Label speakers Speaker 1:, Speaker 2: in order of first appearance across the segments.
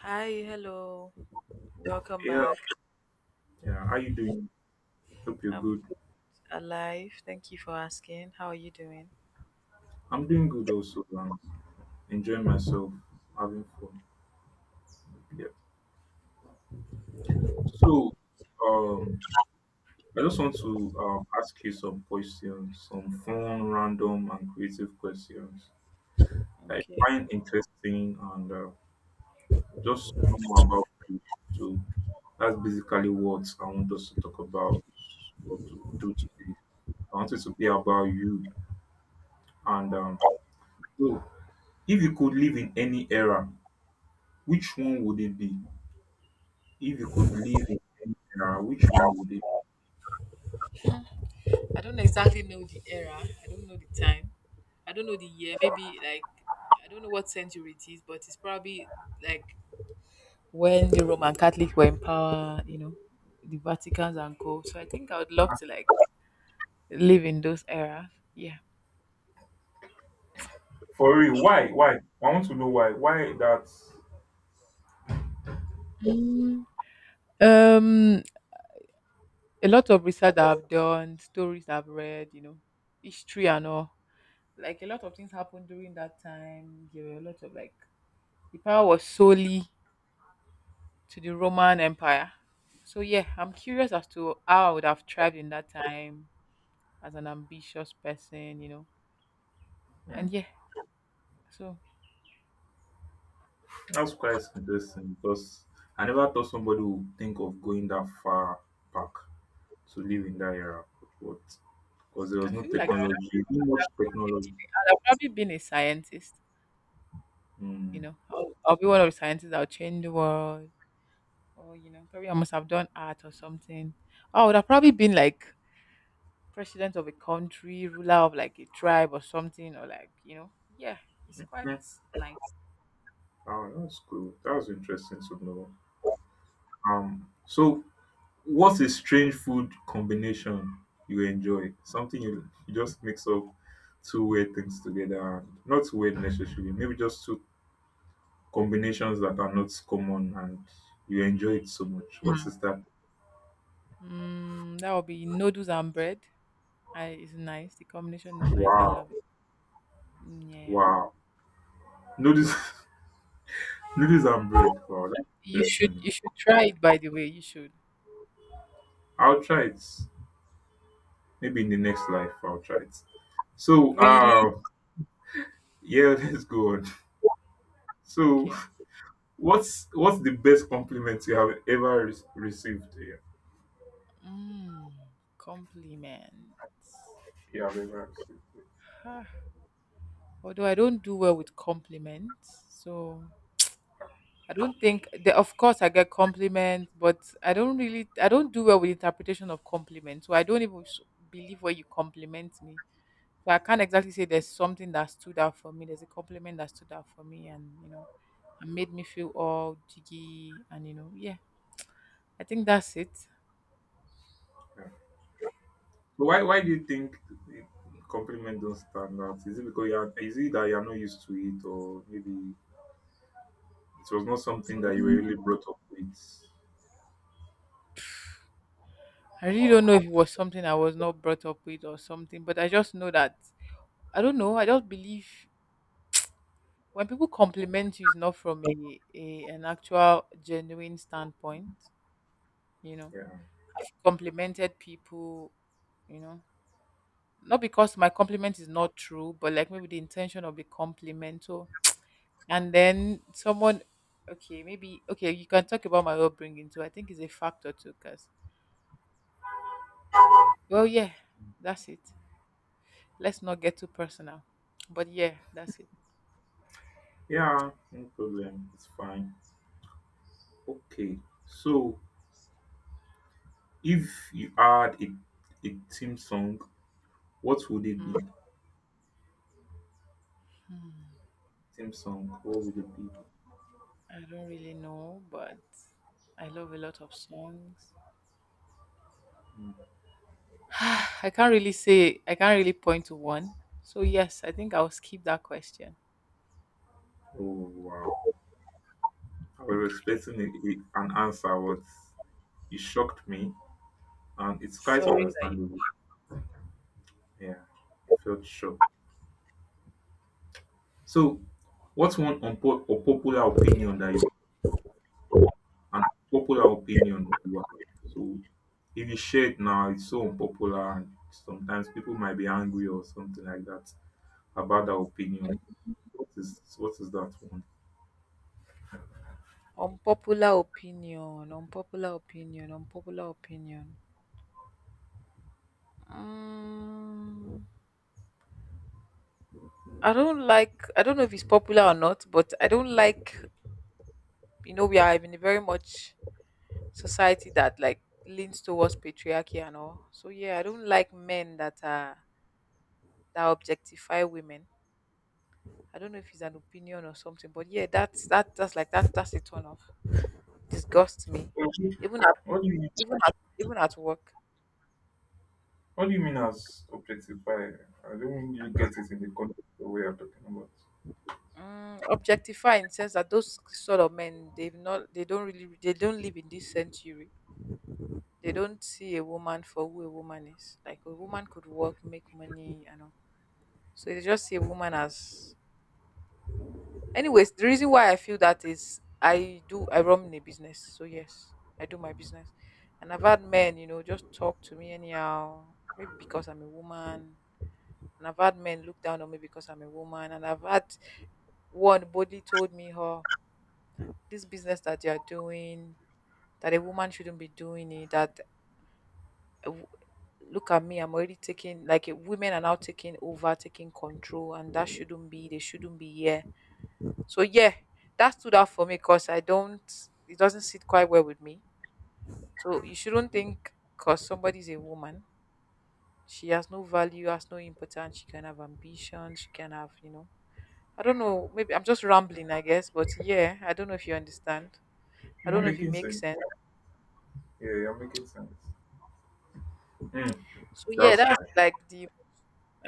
Speaker 1: Hi, hello. Welcome
Speaker 2: Yeah,
Speaker 1: back.
Speaker 2: yeah. How you doing? Hope you're
Speaker 1: I'm
Speaker 2: good.
Speaker 1: alive. Thank you for asking. How are you doing?
Speaker 2: I'm doing good also. I'm enjoying myself, having fun. Yeah. So, um, I just want to ask you some questions, some fun, random, and creative questions that I
Speaker 1: Okay.
Speaker 2: find interesting and just know more about you. So that's basically what I want us to talk about or to do today. I want it to be about you. And um, so, if you could live in any era, which one would it be? If you could live in any era, which one would it be?
Speaker 1: I don't exactly know the era. I don't know the time. I don't know the year. Maybe I don't know what century it is, but it's probably like when the Roman Catholic were in power, you know, the Vatican's and co. So I think I would love to live in those era. Yeah.
Speaker 2: For real, why? I want to know why. Why that?
Speaker 1: Mm, um a lot of research that I've done, stories I've read, you know, history and all. Like a lot of things happened during that time. There were a lot of the power was solely to the Roman Empire. So yeah, I'm curious as to how I would have thrived in that time as an ambitious person, you know.
Speaker 2: Hmm.
Speaker 1: And yeah, so
Speaker 2: That's quite interesting because I never thought somebody would think of going that far back to live in that era. But because there
Speaker 1: I
Speaker 2: was no
Speaker 1: feel like I would,
Speaker 2: technology, not much technology.
Speaker 1: I'd have probably been a scientist, you
Speaker 2: Mm.
Speaker 1: know. I'll be one of the scientists that will change the world. Or, you know, probably I must have done art or something. I would have probably been like president of a country, ruler of like a tribe or something, or like, you know, yeah, it's quite
Speaker 2: Yeah.
Speaker 1: nice.
Speaker 2: Oh, that's cool. That was interesting to know. So what's a strange food combination you enjoy? Something you just mix up two weird things together and not two weird necessarily, maybe just two combinations that are not common and you enjoy it so much. What
Speaker 1: Mm.
Speaker 2: is that?
Speaker 1: That would be noodles and bread. I, it's nice. The combination is nice. I
Speaker 2: Wow,
Speaker 1: love it. Mm, yeah.
Speaker 2: wow. Noodles noodles and bread. Wow,
Speaker 1: You
Speaker 2: that's
Speaker 1: should
Speaker 2: interesting.
Speaker 1: you should try it by the way. You should.
Speaker 2: I'll try it. Maybe in the next life I'll try it. So
Speaker 1: Really?
Speaker 2: uh yeah, let's go on. So
Speaker 1: Okay.
Speaker 2: what's the best compliment you have ever received? Yeah?
Speaker 1: Mm, compliment.
Speaker 2: You have ever received.
Speaker 1: Ah, although I don't do well with compliments, so I don't think the, of course I get compliments, but I don't do well with interpretation of compliments. So I don't even believe when you compliment me. So I can't exactly say there's something that stood out for me. There's a compliment that stood out for me, and you know, and made me feel all jiggy. And you know, yeah, I think that's it.
Speaker 2: Yeah. So why do you think the compliment don't stand out? Is it because you are is it that you are not used to it or maybe it was not something that you were really brought up with?
Speaker 1: I really don't know if it was something I was not brought up with or something, but I just know that I don't know. I just believe when people compliment you, it's not from a an actual genuine standpoint. You know,
Speaker 2: Yeah.
Speaker 1: I've complimented people. You know, not because my compliment is not true, but like maybe the intention of the compliment. So and then someone, okay, maybe, okay, you can talk about my upbringing too. I think it's a factor too, because, well, yeah, that's it. Let's not get too personal. But yeah, that's it.
Speaker 2: Yeah, no problem. It's fine. Okay. So if you had a theme song, what would it be?
Speaker 1: Mm,
Speaker 2: Theme song, what would it be?
Speaker 1: I don't really know, but I love a lot of songs.
Speaker 2: Hmm.
Speaker 1: I can't really say, I can't really point to one. So, yes, I think I'll skip that question.
Speaker 2: Oh wow. I was expecting an answer, but it shocked me and it's quite
Speaker 1: Sorry that you.
Speaker 2: understandable. Yeah, felt sure. So, what's one unpopular
Speaker 1: Okay.
Speaker 2: opinion that you an popular opinion you have? So, if you share it now, it's so unpopular, and sometimes people might be angry or something like that about that opinion. What is that one?
Speaker 1: Unpopular opinion. Mm. I don't like. I don't know if it's popular or not, but I don't like. You know, we are in a very much society that like leans towards patriarchy and all. So yeah, I don't like men that are that objectify women. I don't know if it's an opinion or something, but yeah, that's that that's like that that's a turn off. Disgusts me,
Speaker 2: Okay.
Speaker 1: even at
Speaker 2: What do you
Speaker 1: even at work.
Speaker 2: what do you mean as objectify? I don't really get it in the context of what you're talking about.
Speaker 1: Mm, objectify in sense that those sort of men they've not they don't really they don't live in this century, they don't see a woman for who a woman is. Like a woman could work, make money, you know. So they just see a woman as. Anyways, the reason why I feel that is I run a business. So yes, I do my business, and I've had men, you know, just talk to me anyhow. Maybe because I'm a woman, and I've had men look down on me because I'm a woman, and I've had one body told me, "Oh, this business that you are doing, that a woman shouldn't be doing it. That look at me, I'm already taking like eh, women are now taking over taking control and that shouldn't be, they shouldn't be here. So yeah, that stood out for me because I don't, it doesn't sit quite well with me. So you shouldn't think because somebody's a woman she has no value, has no importance. She can have ambition, she can have, you know, I don't know, maybe I'm just rambling I guess, but yeah, I don't know if you understand. I
Speaker 2: You're
Speaker 1: don't know if it
Speaker 2: making
Speaker 1: makes
Speaker 2: sense.
Speaker 1: sense.
Speaker 2: Yeah, you're making sense. Hmm,
Speaker 1: So yeah,
Speaker 2: that's
Speaker 1: that's
Speaker 2: right.
Speaker 1: like the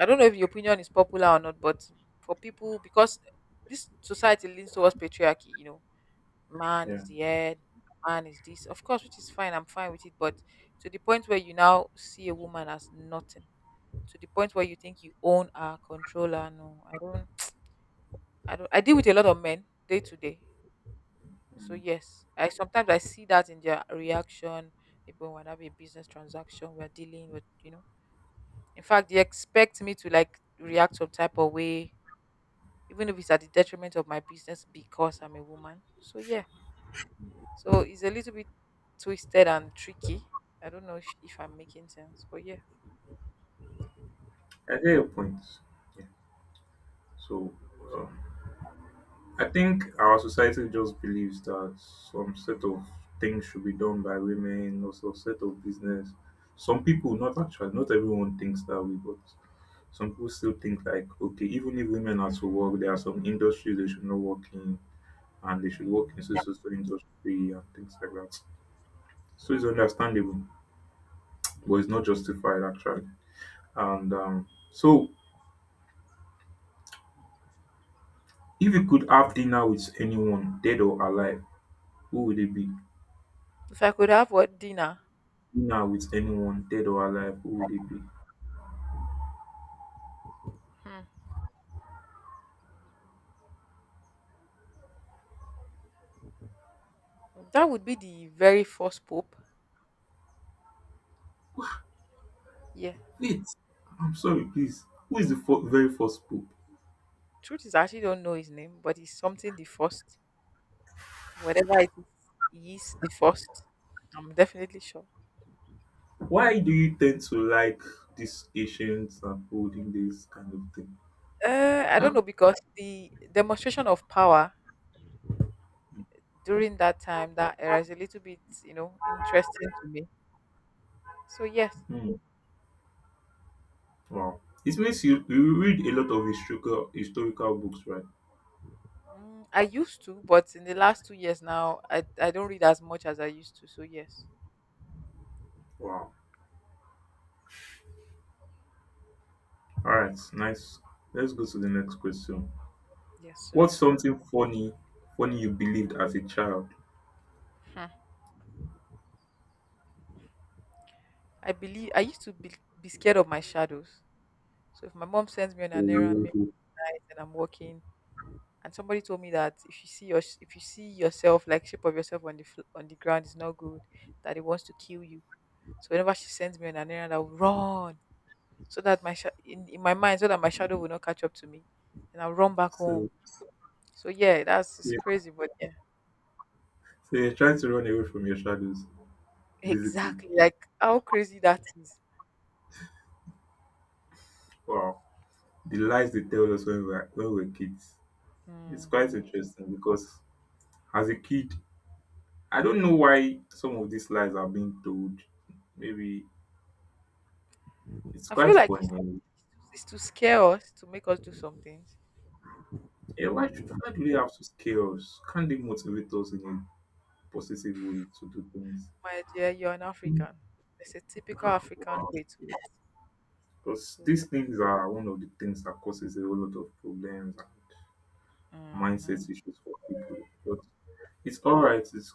Speaker 1: I don't know if your opinion is popular or not, but for people, because this society leans towards patriarchy, you know, man
Speaker 2: Yeah,
Speaker 1: is the head, man is this. Of course, which is fine, I'm fine with it. But to the point where you now see a woman as nothing, to the point where you think you own her, control her. No, I don't. I don't. I deal with a lot of men day to day. So
Speaker 2: Mm.
Speaker 1: yes, I sometimes I see that in their reaction. People when I have a business transaction, we're dealing with, you know. In fact, they expect me to like react some type of way even if it's at the detriment of my business because I'm a woman. So yeah, so it's a little bit twisted and tricky. I don't know if I'm making sense, but yeah.
Speaker 2: I get your point. So uh, I think our society just believes that some set of things should be done by women, or some set of business. Some people, not actually, not everyone thinks that way, but some people still think like, okay, even if women are to work, there are some industries they should not work in, and they should work
Speaker 1: Mm.
Speaker 2: in social industry and things like that. So it's understandable, but it's not justified actually. And um, so, if you could have dinner with anyone, dead or alive, who would it be?
Speaker 1: If I could have what dinner,
Speaker 2: Dinner with anyone dead or alive, who would it be?
Speaker 1: hmm, that would be the very first pope. Yeah.
Speaker 2: Wait, I'm sorry, please. Who is the very first pope?
Speaker 1: Truth is, I actually don't know his name, but it's something the first. Whatever it is, he is the first. I'm definitely sure.
Speaker 2: Why do you tend to like these ancient and olden days kind of thing?
Speaker 1: I
Speaker 2: That,
Speaker 1: don't know because the demonstration of power during that time, that era, is a little bit, you know, interesting to me. So yes,
Speaker 2: hmm, wow. It means you read a lot of historical books, right?
Speaker 1: mm, I used to, but in the last 2 years now, I don't read as much as I used to. So yes,
Speaker 2: Wow. All right, nice. Let's go to the next question.
Speaker 1: yes,
Speaker 2: What's
Speaker 1: sir.
Speaker 2: something funny you believed as a child?
Speaker 1: Hmm. I believe I used to be scared of my shadows. So if my mom sends me on an errand
Speaker 2: Oh,
Speaker 1: midnight and I'm walking, and somebody told me that if you see your if you see yourself like shape of yourself on the on the ground is not good, that it wants to kill you. So whenever she sends me on an errand, I'll run so that my in my mind so that my shadow will not catch up to me, and I'll run back home.
Speaker 2: so,
Speaker 1: So yeah, that's it's
Speaker 2: yeah,
Speaker 1: crazy, but yeah.
Speaker 2: so you're trying to run away from your shadows, basically.
Speaker 1: Exactly. Like how crazy that is.
Speaker 2: Wow. The lies they tell us when we are when we were kids. It's quite
Speaker 1: Hmm.
Speaker 2: interesting because as a kid, I don't know why some of these lies are being told. Maybe it's
Speaker 1: I feel
Speaker 2: quite
Speaker 1: like
Speaker 2: funny.
Speaker 1: it's to scare us to make us do some things.
Speaker 2: Yeah, why do they have to scare us? Can't they motivate us in a positive way to do things?
Speaker 1: My dear, you're an African. It's a typical
Speaker 2: Ah,
Speaker 1: African
Speaker 2: wow.
Speaker 1: way to it.
Speaker 2: Because
Speaker 1: So yeah,
Speaker 2: these things are one of the things that causes a whole lot of problems and mindset
Speaker 1: hmm,
Speaker 2: issues for people. But it's all right. It's,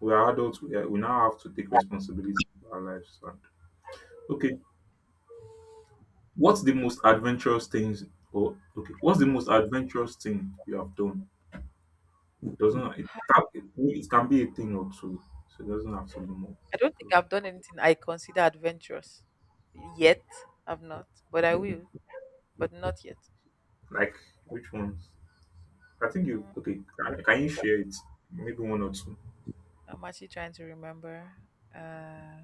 Speaker 2: we are adults. We now have to take responsibility for our lives. And okay, what's the most adventurous things or okay, what's the most adventurous thing you have done? Doesn't it can be a thing or two, so it doesn't have to be more.
Speaker 1: I don't think I've done anything I consider adventurous yet. I've not, but I
Speaker 2: Mm.
Speaker 1: will, but not yet.
Speaker 2: Like which ones? I think you
Speaker 1: Mm,
Speaker 2: okay. Can you share it? Maybe one or two.
Speaker 1: I'm actually trying to remember. Uh,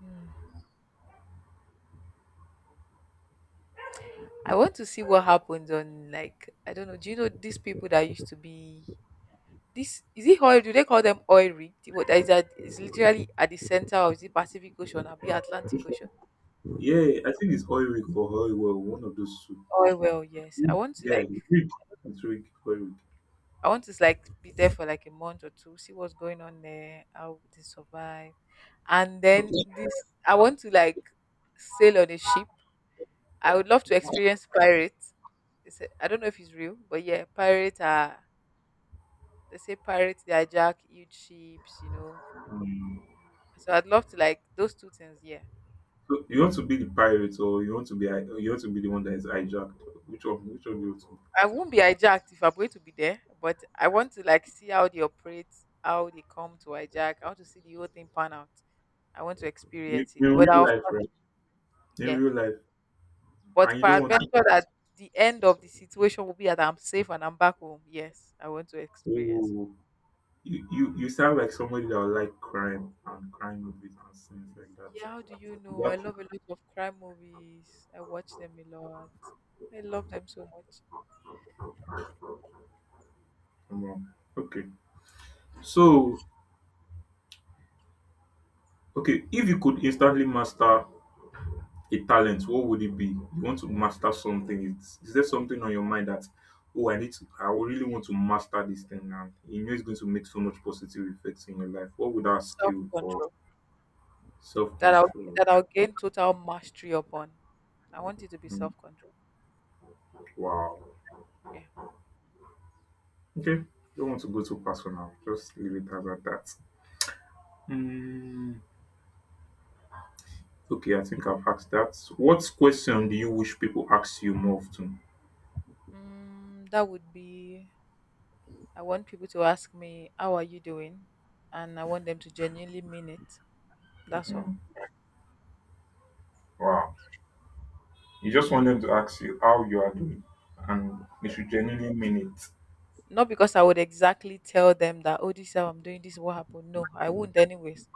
Speaker 1: hmm. I want to see what happens on like I don't know. Do you know these people that used to be, this is it oil? Do they call them oil rig? The one that is literally at the center of the Pacific Ocean and the Atlantic
Speaker 2: Which
Speaker 1: Ocean?
Speaker 2: one? Yeah, I think it's oil rig or oil well. One of those two.
Speaker 1: Oil well, yes.
Speaker 2: Yeah, it's rig. It's rig. Oil rig.
Speaker 1: I want to like be there for like a month or two, see what's going on there, how they survive, and then
Speaker 2: Okay.
Speaker 1: this I want to like sail on a ship. I would love to experience pirates. It's a, I don't know if it's real, but yeah, pirates are, they say pirates they hijack huge ships, you know.
Speaker 2: Um,
Speaker 1: So I'd love to like those two things. Yeah.
Speaker 2: so you want to be the pirate, or you want to be the one that is hijacked? Which one? Which one do you want to
Speaker 1: I won't be hijacked if I'm going to be there, but I want to like see how they operate, how they come to hijack. I want to see the whole thing pan out. I want to
Speaker 2: be?
Speaker 1: experience it.
Speaker 2: In
Speaker 1: But
Speaker 2: real
Speaker 1: I'll
Speaker 2: life, right? In
Speaker 1: yeah.
Speaker 2: real life, and
Speaker 1: But
Speaker 2: you don't want to.
Speaker 1: peradventure that the end of the situation will be that I'm safe and I'm back home. Yes, I want to experience it.
Speaker 2: Oh, you sound like somebody that would like crime and crime movies and things like that.
Speaker 1: Yeah, how do you know? I
Speaker 2: That's
Speaker 1: love a lot of crime movies. I watch them a lot. I love them so much.
Speaker 2: come on. Okay, so okay, if you could instantly master a talent, what would it be? You want to master something. Is there
Speaker 1: Mm.
Speaker 2: something on your mind that, oh, I need to, I really want to master this thing now, you know, it's going to make so much positive effects in your life? What would that
Speaker 1: Self
Speaker 2: skill or
Speaker 1: control
Speaker 2: self-control?
Speaker 1: that I'll gain total mastery upon. I want it to be
Speaker 2: Mm,
Speaker 1: self control.
Speaker 2: wow.
Speaker 1: Yeah.
Speaker 2: Okay. Don't want to go too personal. Just leave it as at that. Mm, okay, I think I've asked that. What question do you wish people ask you more often?
Speaker 1: Mm, that would be I want people to ask me, "How are you doing?" And I want them to genuinely mean it. That's all.
Speaker 2: Mm, wow. You just want them to ask you how you are doing, and they should genuinely mean it.
Speaker 1: Not because I would exactly tell them that, "Oh, this is how I'm doing, this is what happened." No, I wouldn't, anyways.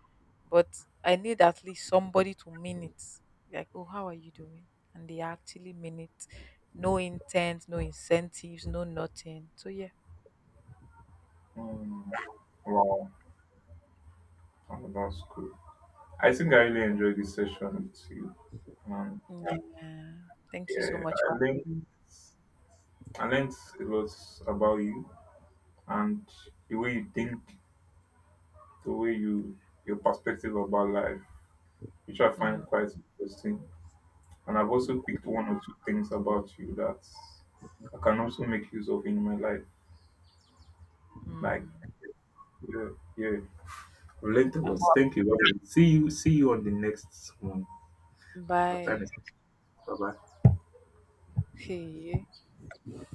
Speaker 1: But I need at least somebody to mean it. Like, "Oh, how are you doing?" And they actually mean it. No intent, no incentives, no nothing. So, yeah.
Speaker 2: Mm, wow. Oh, that's cool. I think I really enjoyed this session with you. Um,
Speaker 1: Mm, yeah. Thank you so
Speaker 2: yeah,
Speaker 1: much.
Speaker 2: I learned a lot about you and the way you think, the way you, your perspective about life, which I
Speaker 1: Mm,
Speaker 2: find quite interesting. And I've also picked one or two things about you that I can also make use of in my life. Like,
Speaker 1: mm.
Speaker 2: yeah, yeah.
Speaker 1: I'm
Speaker 2: Relentless.
Speaker 1: up.
Speaker 2: Thank you. Okay. See you. See you on the next one. Our time
Speaker 1: Bye.
Speaker 2: is bye bye.
Speaker 1: Hey.